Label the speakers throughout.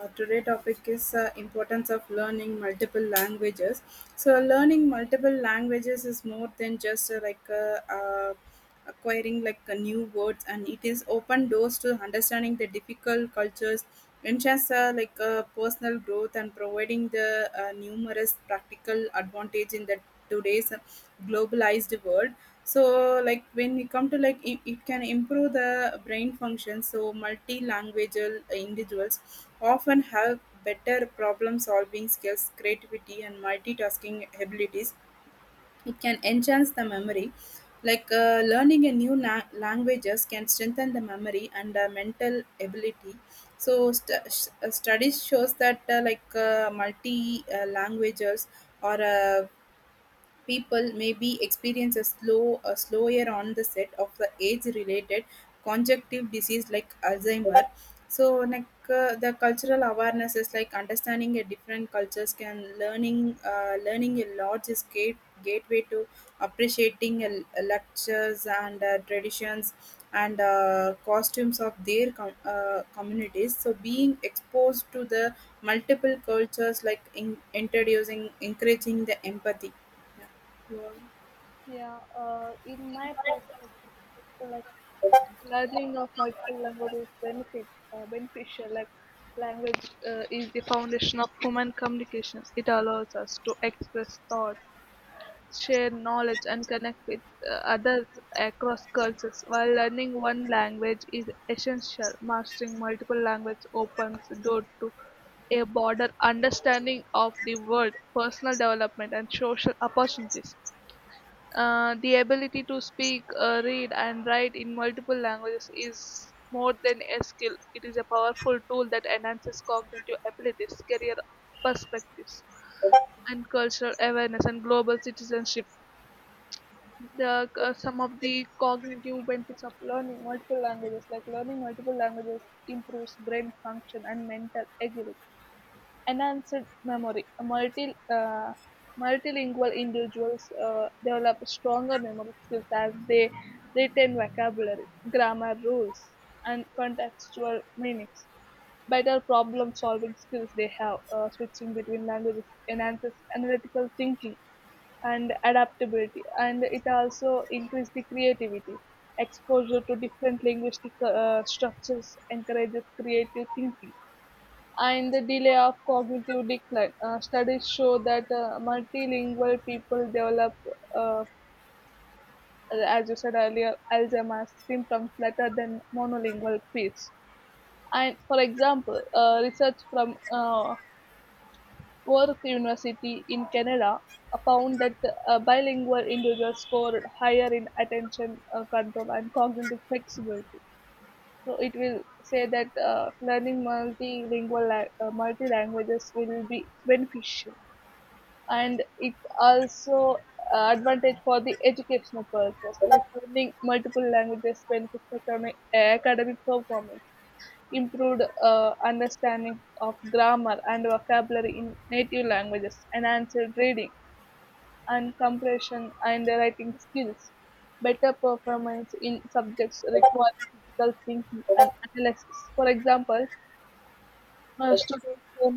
Speaker 1: Today topic is importance of learning multiple languages. So learning multiple languages is more than just acquiring new words, and it is open doors to understanding the difficult cultures, enhance personal growth, and providing the numerous practical advantage in that today's globalized world. So like when we come to it, can improve the brain function. So multilingual individuals often have better problem solving skills, creativity, and multitasking abilities. It can enhance the memory, like learning a new languages can strengthen the memory and mental ability. So studies shows that multi languages or people maybe experience a slower on the set of the age related conjunctive disease like Alzheimer. So like the cultural awareness is like understanding a different cultures can learning learning a large is gateway to appreciating a lectures and traditions and costumes of their communities. So being exposed to the multiple cultures like introducing, encouraging the empathy. Yeah. Well,
Speaker 2: Yeah, in my perspective, like learning of multiple languages benefit beneficial. Like language is the foundation of human communication. It allows us to express thought, share knowledge, and connect with others across cultures. While learning one language is essential, mastering multiple languages opens the door to a broader understanding of the world, personal development, and social opportunities. The ability to speak, read, and write in multiple languages is more than a skill. It is a powerful tool that enhances cognitive abilities, career perspectives, and cultural awareness and global citizenship. Some of the cognitive benefits of learning multiple languages, like learning multiple languages, improves brain function and mental agility enhanced memory. Multilingual individuals develop stronger memory skills as they retain vocabulary, grammar rules, and contextual meanings. Better problem solving skills they have, switching between languages enhances analytical thinking and adaptability, and it also increases the creativity. Exposure to different linguistic structures encourages creative thinking and the delay of cognitive decline. Studies show that multilingual people develop, uh, as you said earlier, Alzheimer's symptoms later than monolingual peers. And for example, research from Worth University in Canada found that bilingual individuals scored higher in attention control and cognitive flexibility. So it will say that learning multi languages will be beneficial. And it also advantage for the educational purpose, like learning multiple languages benefits academic performance, improved understanding of grammar and vocabulary in native languages, enhanced reading and comprehension and writing skills, better performance in subjects requiring critical thinking and analysis. For example, students who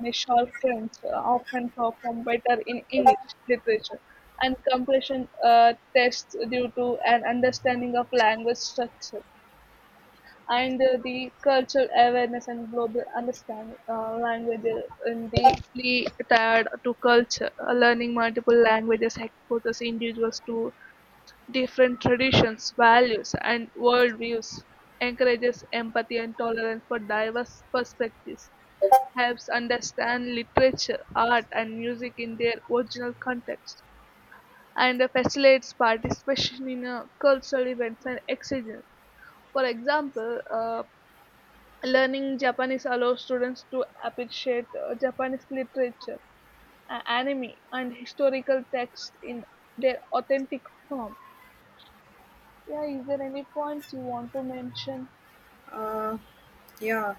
Speaker 2: need Spanish or French often perform better in English literature and comprehension tests due to an understanding of language structure and the cultural awareness and global understanding. Languages in deeply tied to culture. Learning multiple languages exposes individuals to different traditions, values, and worldviews. Encourages empathy and tolerance for diverse perspectives, helps understand literature, art, and music in their original context, and facilitates participation in cultural events and exchanges. For example, learning Japanese allows students to appreciate Japanese literature, anime, and historical texts in their authentic form. Yeah, is there any points you want to mention?
Speaker 1: uh, yeah.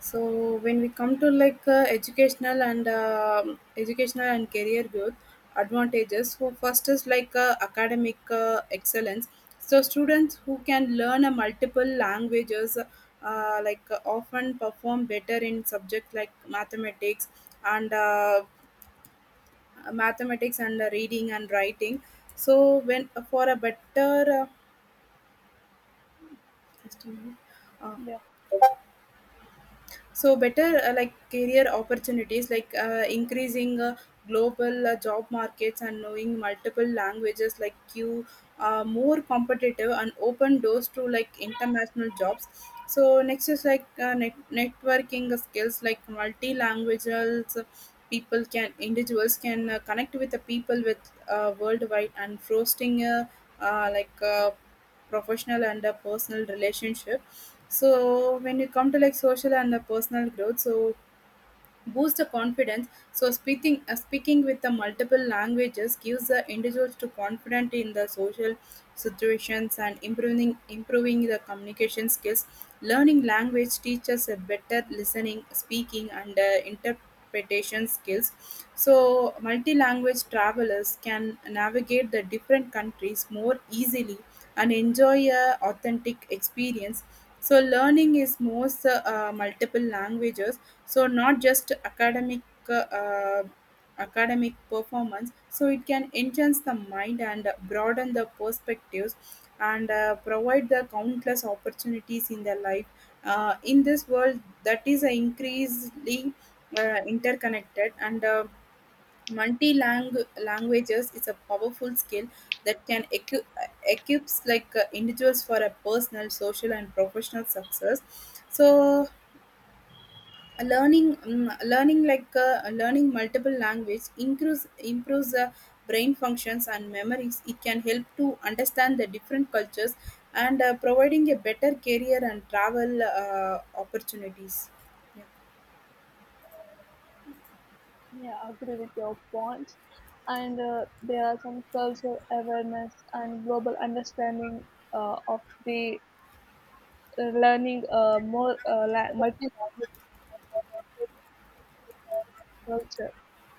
Speaker 1: So when we come to like educational and educational and career growth advantages, so first is like academic excellence. So students who can learn a multiple languages often perform better in subjects like mathematics and reading and writing. So when for a better estimate,
Speaker 2: Yeah.
Speaker 1: uh, so better like career opportunities, like increasing global job markets, and knowing multiple languages like you are more competitive and open doors to like international jobs. So next is like networking skills, like multi-languages people can individuals can connect with the people with worldwide and fostering uh, like uh, professional and personal relationship. So when you come to like social and the personal growth, so boost the confidence. So speaking with the multiple languages gives the individuals to confident in the social situations and improving the communication skills. Learning language teaches a better listening, speaking, and interpretation skills. So multi-language travelers can navigate the different countries more easily and enjoy a authentic experience. So learning is most multiple languages. So not just academic uh, academic performance. So it can enhance the mind and broaden the perspectives and provide the countless opportunities in their life. In this world that is increasingly interconnected and multi languages is a powerful skill that can equips like individuals for a personal, social, and professional success. So, a learning learning multiple language improves the brain functions and memories. It can help to understand the different cultures and providing a better career and travel opportunities. Yeah.
Speaker 2: Yeah, agree with your points. And there are some cultural awareness and global understanding of the learning more multi-language culture.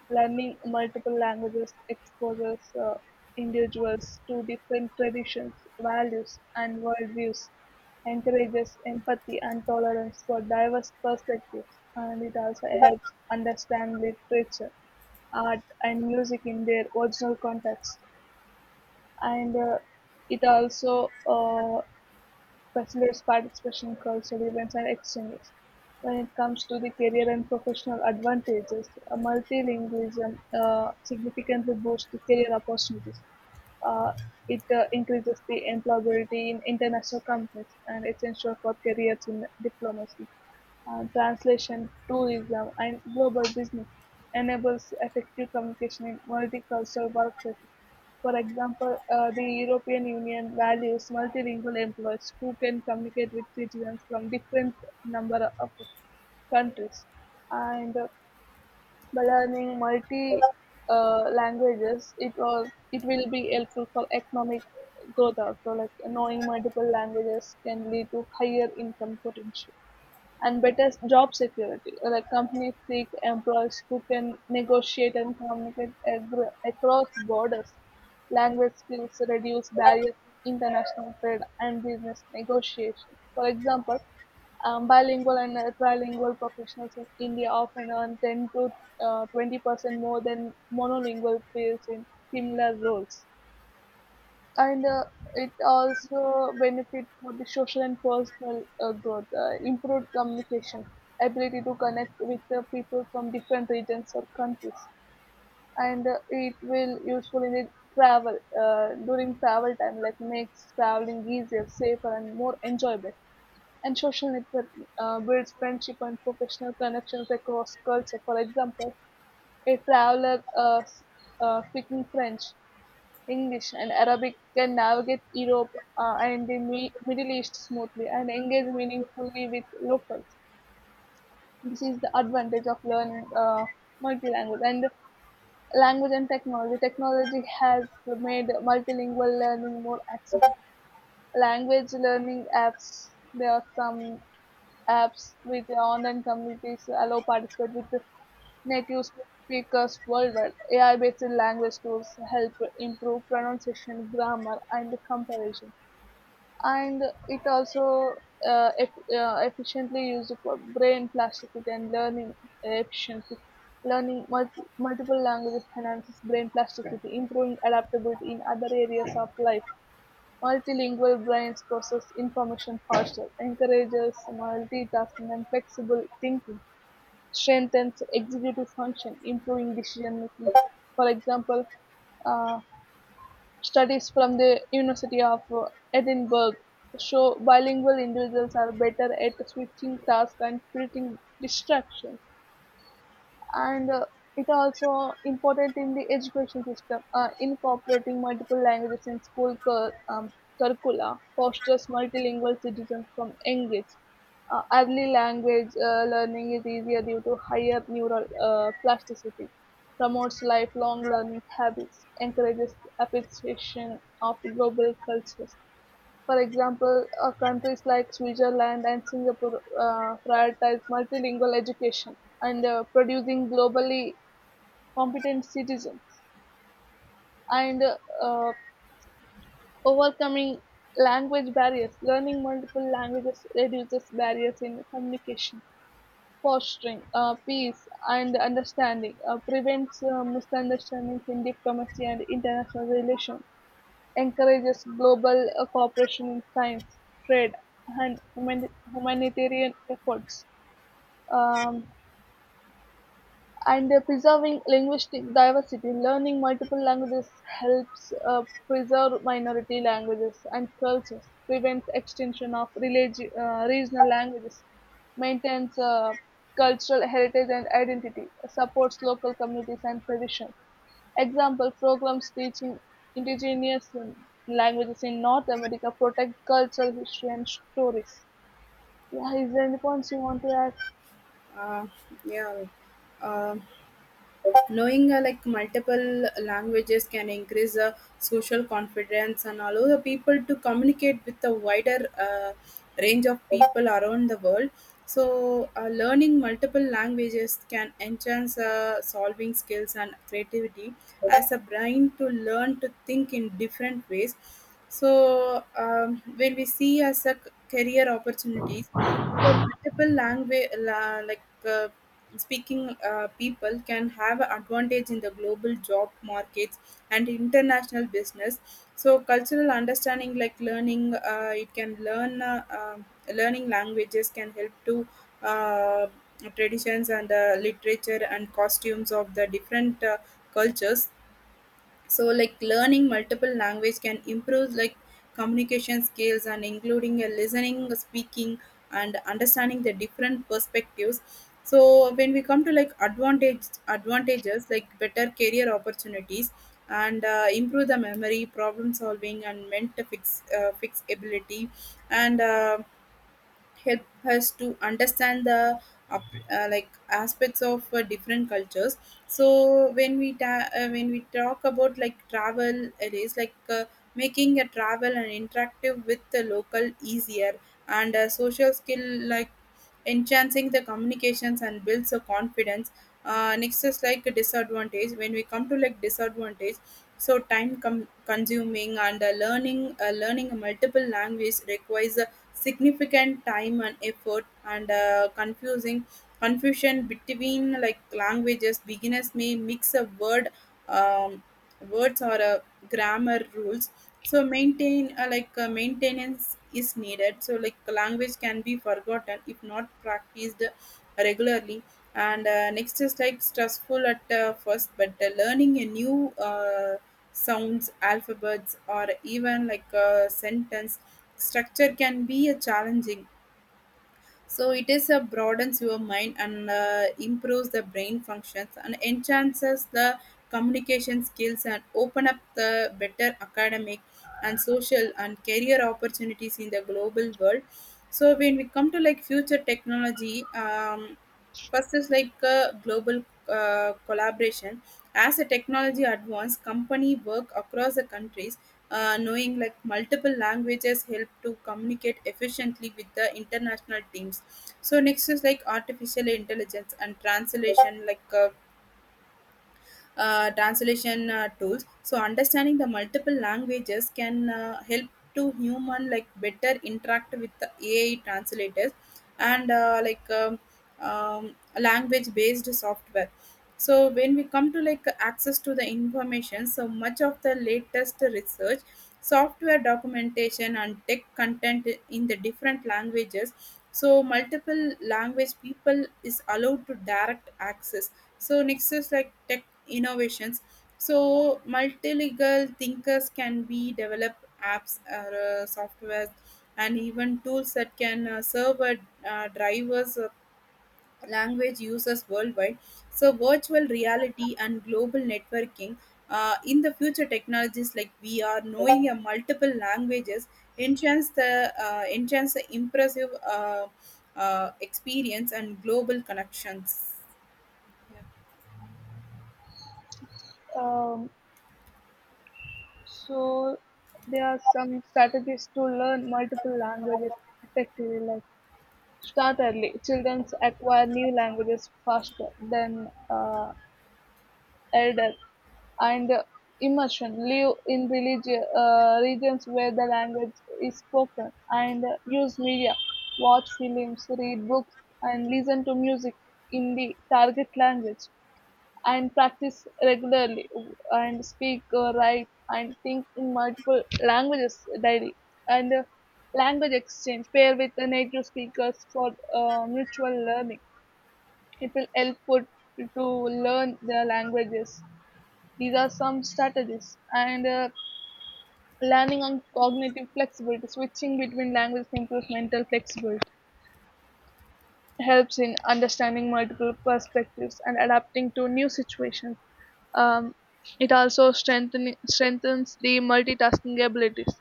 Speaker 2: Learning multiple languages exposes individuals to different traditions, values, and worldviews, encourages empathy and tolerance for diverse perspectives, and it also helps understand literature, art, and music in their original context. And it also facilitates participation across events and exchanges. When it comes to the career and professional advantages, multilingualism significantly boosts the career opportunities. Uh, it increases the employability in international companies, and it's essential for careers in diplomacy, translation, tourism, and global business, enables effective communication in multicultural workplaces. For example, the European Union values multilingual employees who can communicate with citizens from different number of countries. And by learning multi languages, it will be helpful for economic growth also. Like knowing multiple languages can lead to higher income potential and better job security. Like companies seek employees who can negotiate and communicate across borders. Language skills reduce barriers in international trade and business negotiation. For example, bilingual and trilingual professionals in India often earn 10 to 20% more than monolingual peers in similar roles. And it also benefit for the social and personal growth, improved communication, ability to connect with the people from different regions or countries. And it will useful in the travel during travel time, like makes traveling easier, safer, and more enjoyable, and social network builds friendship and professional connections across culture. For example, a traveler speaking French, English, and Arabic can navigate Europe and the Middle East smoothly and engage meaningfully with locals. This is the advantage of learning multilanguage and language and technology. Technology has made multilingual learning more accessible. Language learning apps. There are some apps with online communities allow participate with native speakers worldwide. AI-based language tools help improve pronunciation, grammar, and comparison. And it also efficiently used for brain plasticity and learning efficiency. Learning multiple languages enhances brain plasticity, improving adaptability in other areas of life. Multilingual brains process information faster, encourages multitasking and flexible thinking, strengthens executive function, improving decision making. For example, uh, Studies from the University of Edinburgh show bilingual individuals are better at switching tasks and filtering distractions. And it also important in the education system, incorporating multiple languages in school curricula, fosters multilingual citizens from young age. Early language learning is easier due to higher neural plasticity, promotes lifelong learning habits, encourages appreciation of global cultures. For example, countries like Switzerland and Singapore prioritize multilingual education and producing globally competent citizens. And overcoming language barriers. Learning multiple languages reduces barriers in communication, fostering peace and understanding, prevents misunderstandings in diplomacy and international relations. Encourages global cooperation in science, trade, and humanitarian efforts. Um, and preserving linguistic diversity, learning multiple languages helps preserve minority languages and cultures, prevents extinction of regional languages, maintains cultural heritage and identity, supports local communities and traditions. Example programs teaching indigenous languages in North America protect cultural history and stories. Yeah, is there any points you want to add?
Speaker 1: uh, yeah. uh, Knowing multiple languages can increase social confidence and allow the people to communicate with a wider range of people around the world. So learning multiple languages can enhance solving skills and creativity as a brain to learn to think in different ways. So when we see as a career opportunities, so multiple language, la, like uh, speaking people can have advantage in the global job markets and international business. So cultural understanding, like learning, it can learn learning languages can help to uh, traditions and literature and costumes of the different cultures. So like learning multiple language can improve like communication skills and including a listening, speaking, and understanding the different perspectives. So when we come to like advantages like better career opportunities and improve the memory, problem solving, and mental fixability, and help us to understand the like aspects of different cultures. So when we when we talk about like travel, it is like making a travel and interactive with the local easier, and a social skill like enhancing the communications and builds a confidence. Next is like a disadvantage. When we come to like disadvantage, so time consuming, and learning multiple language requires significant time and effort, and confusing confusion between like languages. Beginners may mix a um, words or grammar rules. So maintain maintenance is needed, so like language can be forgotten if not practiced regularly. And next is like stressful at first, but learning a new sounds, alphabets, or even like a sentence structure can be a challenging. So it is a broadens your mind and improves the brain functions and enhances the communication skills and open up the better academic and social and career opportunities in the global world. So when we come to like future technology, first is like global collaboration. As a technology advance company work across the countries, knowing like multiple languages help to communicate efficiently with the international teams. So next is like artificial intelligence and translation, like translation tools. So understanding the multiple languages can help to human like better interact with the AI translators and language based software. So when we come to like access to the information, so much of the latest research, software documentation, and tech content in the different languages. So multiple language people is allowed to direct access. So next is like tech innovations. So multilingual thinkers can be develop apps or software and even tools that can serve a drivers language users worldwide. So virtual reality and global networking, in the future technologies, like we are knowing a multiple languages enhance the impressive experience and global connections. Yeah.
Speaker 2: Um, so there are some strategies to learn multiple languages effectively, like start early. Children acquire new languages faster than elders. And immersion, live in regions where the language is spoken, and use media, watch films, read books, and listen to music in the target language, and practice regularly, and speak, write, and think in multiple languages daily. And language exchange, pair with the native speakers for mutual learning. It will help put to learn their languages. These are some strategies. And learning on cognitive flexibility, switching between languages improves mental flexibility, helps in understanding multiple perspectives and adapting to new situations. Um, it also strengthens the multitasking abilities.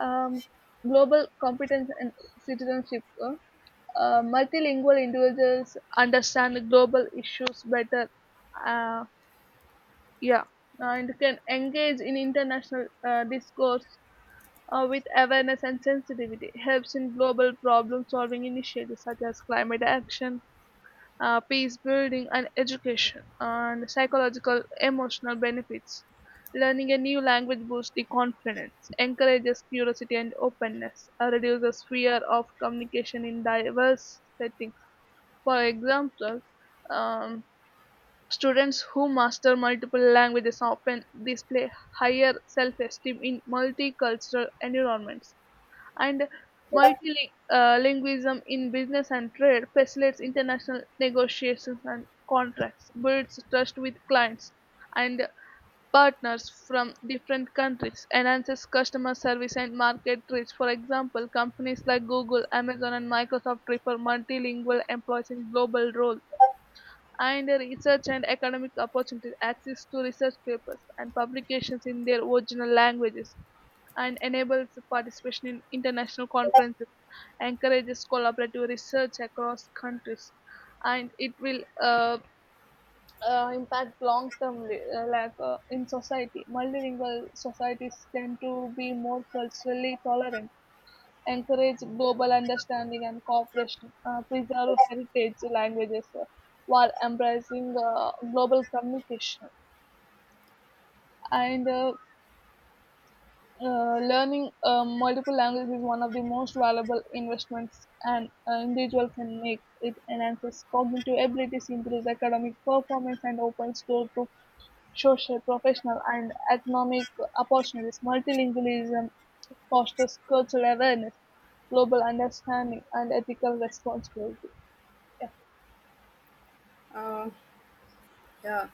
Speaker 2: Um, Global competence and citizenship. Multilingual individuals understand global issues better. Uh, yeah, and can engage in international discourse with awareness and sensitivity, helps in global problem solving initiatives such as climate action, peace building, and education, and psychological emotional benefits. Learning a new language boosts the confidence, encourages curiosity and openness, reduces fear of communication in diverse settings. For example, um, students who master multiple languages often display higher self-esteem in multicultural environments. And multilingualism in business and trade facilitates international negotiations and contracts, builds trust with clients and partners from different countries, enhances customer service and market reach. For example, companies like Google, Amazon, and Microsoft prefer multilingual employees in global roles. And research and academic opportunities, access to research papers and publications in their original languages, and enables participation in international conferences, encourages collaborative research across countries, and it will impact long term, like, in society. Multilingual societies tend to be more culturally tolerant, encourage global understanding and cooperation, preserve heritage languages while embracing global communication. And learning multiple languages is one of the most valuable investments an individual can make. It enhances cognitive abilities, improves academic performance, and opens doors to social, professional, and economic opportunities. Multilingualism fosters cultural awareness, global understanding, and ethical responsibility. Yeah,
Speaker 1: Uh, yeah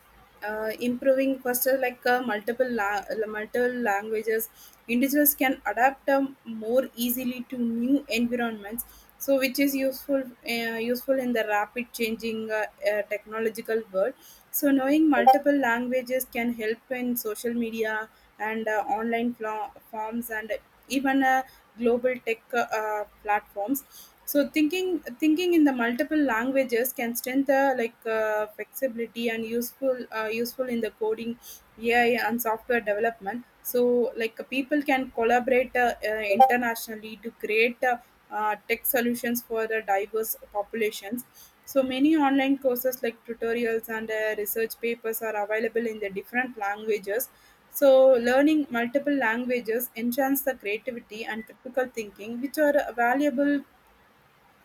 Speaker 1: Improving faster, like multiple languages individuals can adapt more easily to new environments, so which is useful useful in the rapid changing technological world. So knowing multiple languages can help in social media and online forms and even global tech platforms. So thinking in the multiple languages can strengthen like flexibility, and useful useful in the coding, AI, and software development. So like people can collaborate internationally to create tech solutions for the diverse populations. So many online courses like tutorials and research papers are available in the different languages. So, learning multiple languages enhance the creativity and critical thinking, which are valuable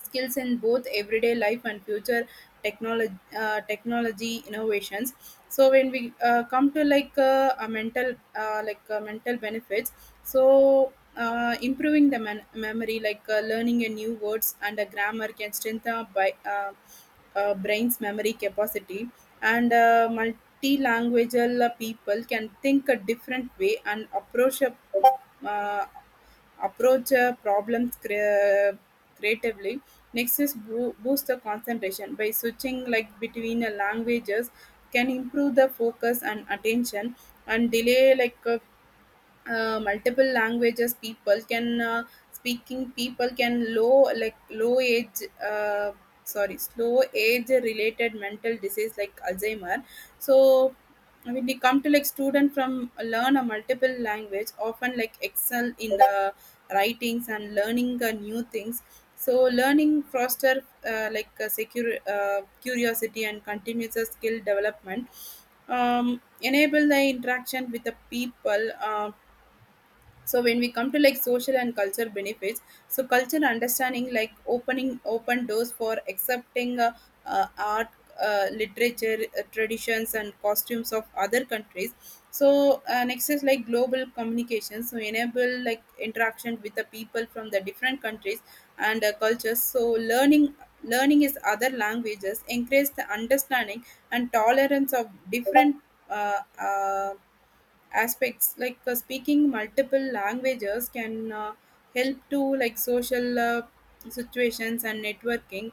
Speaker 1: skills in both everyday life and future technology innovations. So when we come to like a mental like mental benefits. So improving the memory, like learning a new words and a grammar can strengthen by brain's memory capacity. And multilingual people can think a different way and uh, approach problems creatively. Next is boost the concentration by switching like between languages can improve the focus and attention. And delay like multiple languages people can speaking people can low age, sorry, slow age related mental disease like Alzheimer. So when they come to like student from learn a multiple language often like excel in the writings and learning new things. So learning foster like secure curiosity and continuous skill development, enable the interaction with the people. So when we come to like social and culture benefits, so culture understanding like opening open doors for accepting art, literature, traditions, and costumes of other countries. So next is like global communication, so enable like interaction with the people from the different countries and cultures. So learning is other languages increase the understanding and tolerance of different uh, uh, aspects. Like speaking multiple languages can help to like social situations and networking.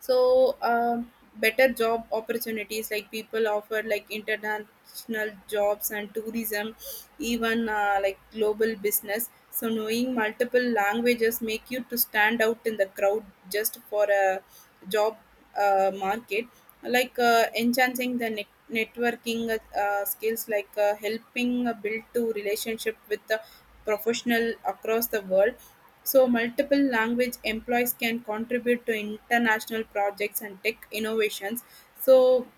Speaker 1: So better job opportunities, like people offer like international jobs and tourism, even like global business. So knowing multiple languages make you to stand out in the crowd just for a job market, like enhancing the networking skills, like helping build to relationship with the professional across the world. So, multiple language employees can contribute to international projects and tech innovations. So,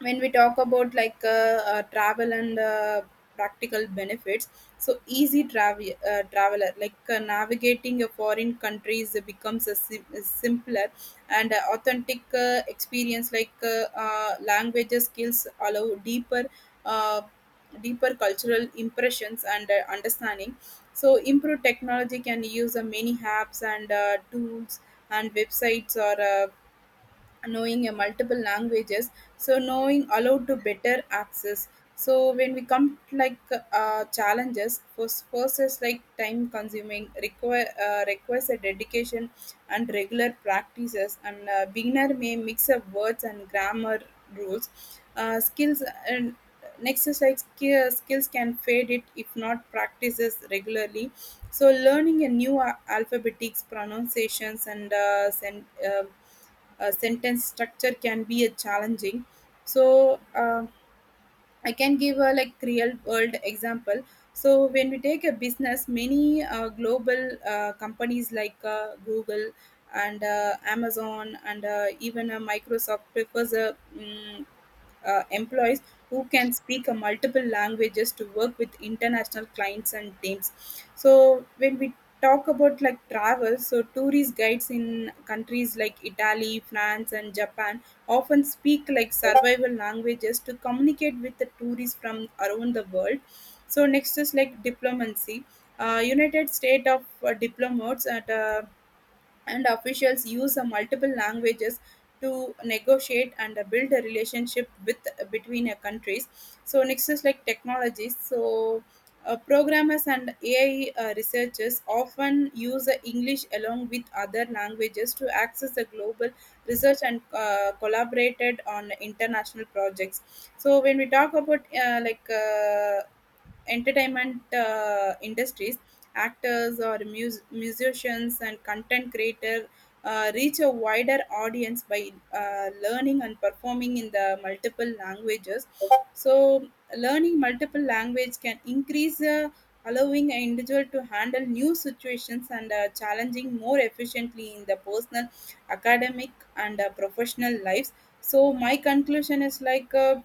Speaker 1: when we talk about like travel and practical benefits, so easy travel, traveler, like navigating a foreign countries becomes a simpler and authentic experience. Like languages skills allow uh, deeper cultural impressions and understanding. So improved technology can use many apps and tools and websites, or knowing a multiple languages, so knowing allowed to better access. So when we come like challenges, first process like time consuming, requires a dedication and regular practices, and beginner may mix up words and grammar rules skills. And next is like skills can fade it if not practices regularly. So learning a new alphabetics, pronunciations, and sentence structure can be a challenging. So I can give a like real world example. So when we take a business, many global companies like Google and Amazon, and even Microsoft prefers a employees who can speak a multiple languages to work with international clients and teams. So when we talk about like travel, so tourist guides in countries like Italy, France, and Japan often speak like survival languages to communicate with the tourists from around the world. So next is like diplomacy. United States of diplomats at and officials use multiple languages to negotiate and build a relationship with between countries. So next is like technologies. So programmers and AI researchers often use English along with other languages to access the global research and collaborated on international projects. So when we talk about entertainment industries, actors or musicians and content creator reach a wider audience by learning and performing in the multiple languages. So learning multiple language can increase allowing an individual to handle new situations and challenging more efficiently in the personal, academic, and professional lives. So my conclusion is like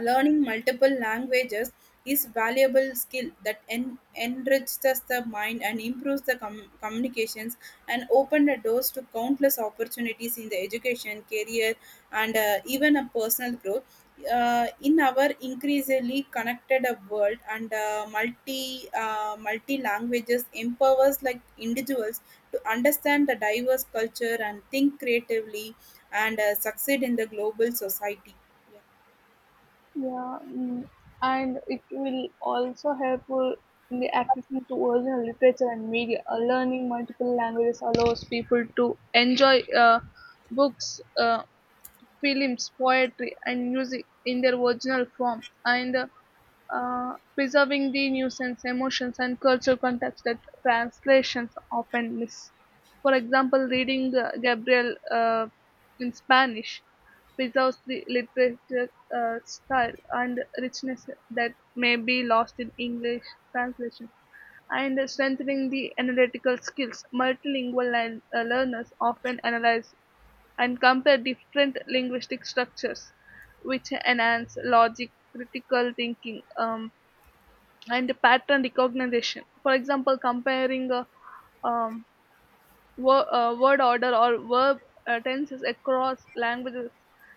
Speaker 1: learning multiple languages is valuable skill that enriches the mind and improves the communications and open the doors to countless opportunities in the education, career, and even a personal growth. In our increasingly connected world, and multi languages empowers like individuals to understand the diverse culture and think creatively and succeed in the global society. Yeah.
Speaker 2: yeah. Mm. And it will also helpful in the accessing to original literature and media. Learning multiple languages allows people to enjoy books, films, poetry, and music in their original form. And preserving the nuisance emotions and cultural context that translations often miss. For example, reading Gabriel in Spanish preserves the literature style and richness that may be lost in English translation. And strengthening the analytical skills, multilingual learners often analyze and compare different linguistic structures, which enhance logic, critical thinking, and pattern recognition. For example, comparing um, word order or verb tenses across languages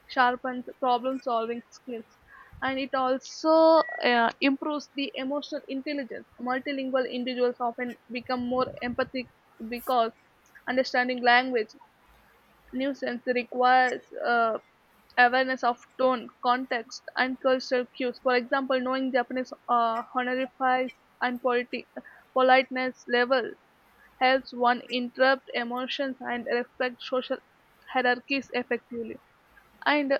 Speaker 2: sharpens problem solving skills. And it also improves the emotional intelligence. Multilingual individuals often become more empathic because understanding language nuisance requires awareness of tone, context, and cultural cues. For example, knowing Japanese honorifics and politeness level helps one interrupt emotions and respect social hierarchies effectively. And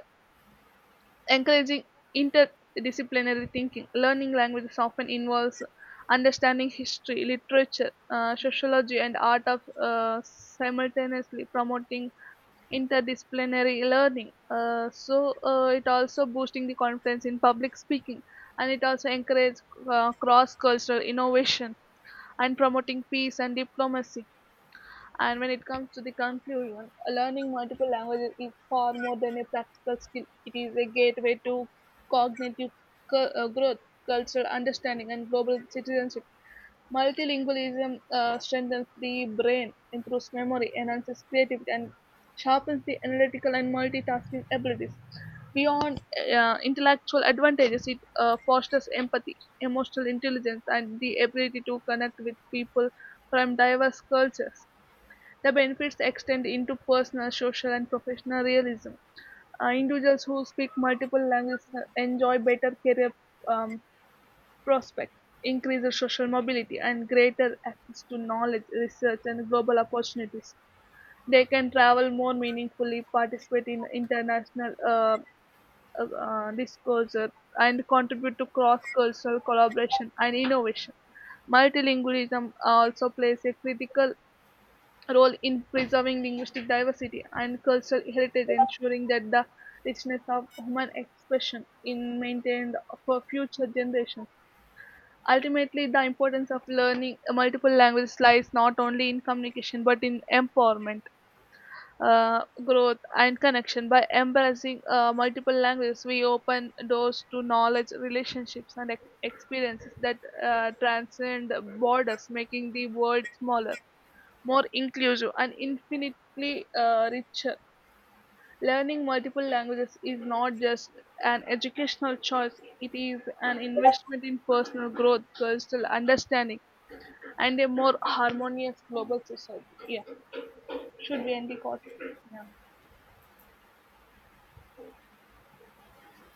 Speaker 2: encouraging interdisciplinary thinking. Learning languages often involves understanding history, literature, sociology, and art of simultaneously promoting interdisciplinary learning. So it also boosting the confidence in public speaking, and it also encourages cross-cultural innovation and promoting peace and diplomacy. And when it comes to the conclusion, learning multiple languages is far more than a practical skill. It is a gateway to cognitive growth, cultural understanding, and global citizenship. Multilingualism strengthens the brain, improves memory, enhances creativity, and sharpens the analytical and multitasking abilities. Beyond intellectual advantages, it fosters empathy, emotional intelligence, and the ability to connect with people from diverse cultures. The benefits extend into personal, social, and professional realism. Individuals who speak multiple languages enjoy better career um, prospects, increased social mobility, and greater access to knowledge, research, and global opportunities. They can travel more meaningfully, participate in international discourse, and contribute to cross cultural collaboration and innovation. Multilingualism also plays a critical role in preserving linguistic diversity and cultural heritage, ensuring that the richness of human expression is maintained for future generations. Ultimately, the importance of learning multiple languages lies not only in communication but in empowerment, growth, and connection. By embracing multiple languages, we open doors to knowledge, relationships, and experiences that transcend borders, making the world smaller, more inclusive, and infinitely richer. Learning multiple languages is not just an educational choice. It is an investment in personal growth, cultural understanding, and a more harmonious global society. Yeah, should we end the call?
Speaker 1: Yeah.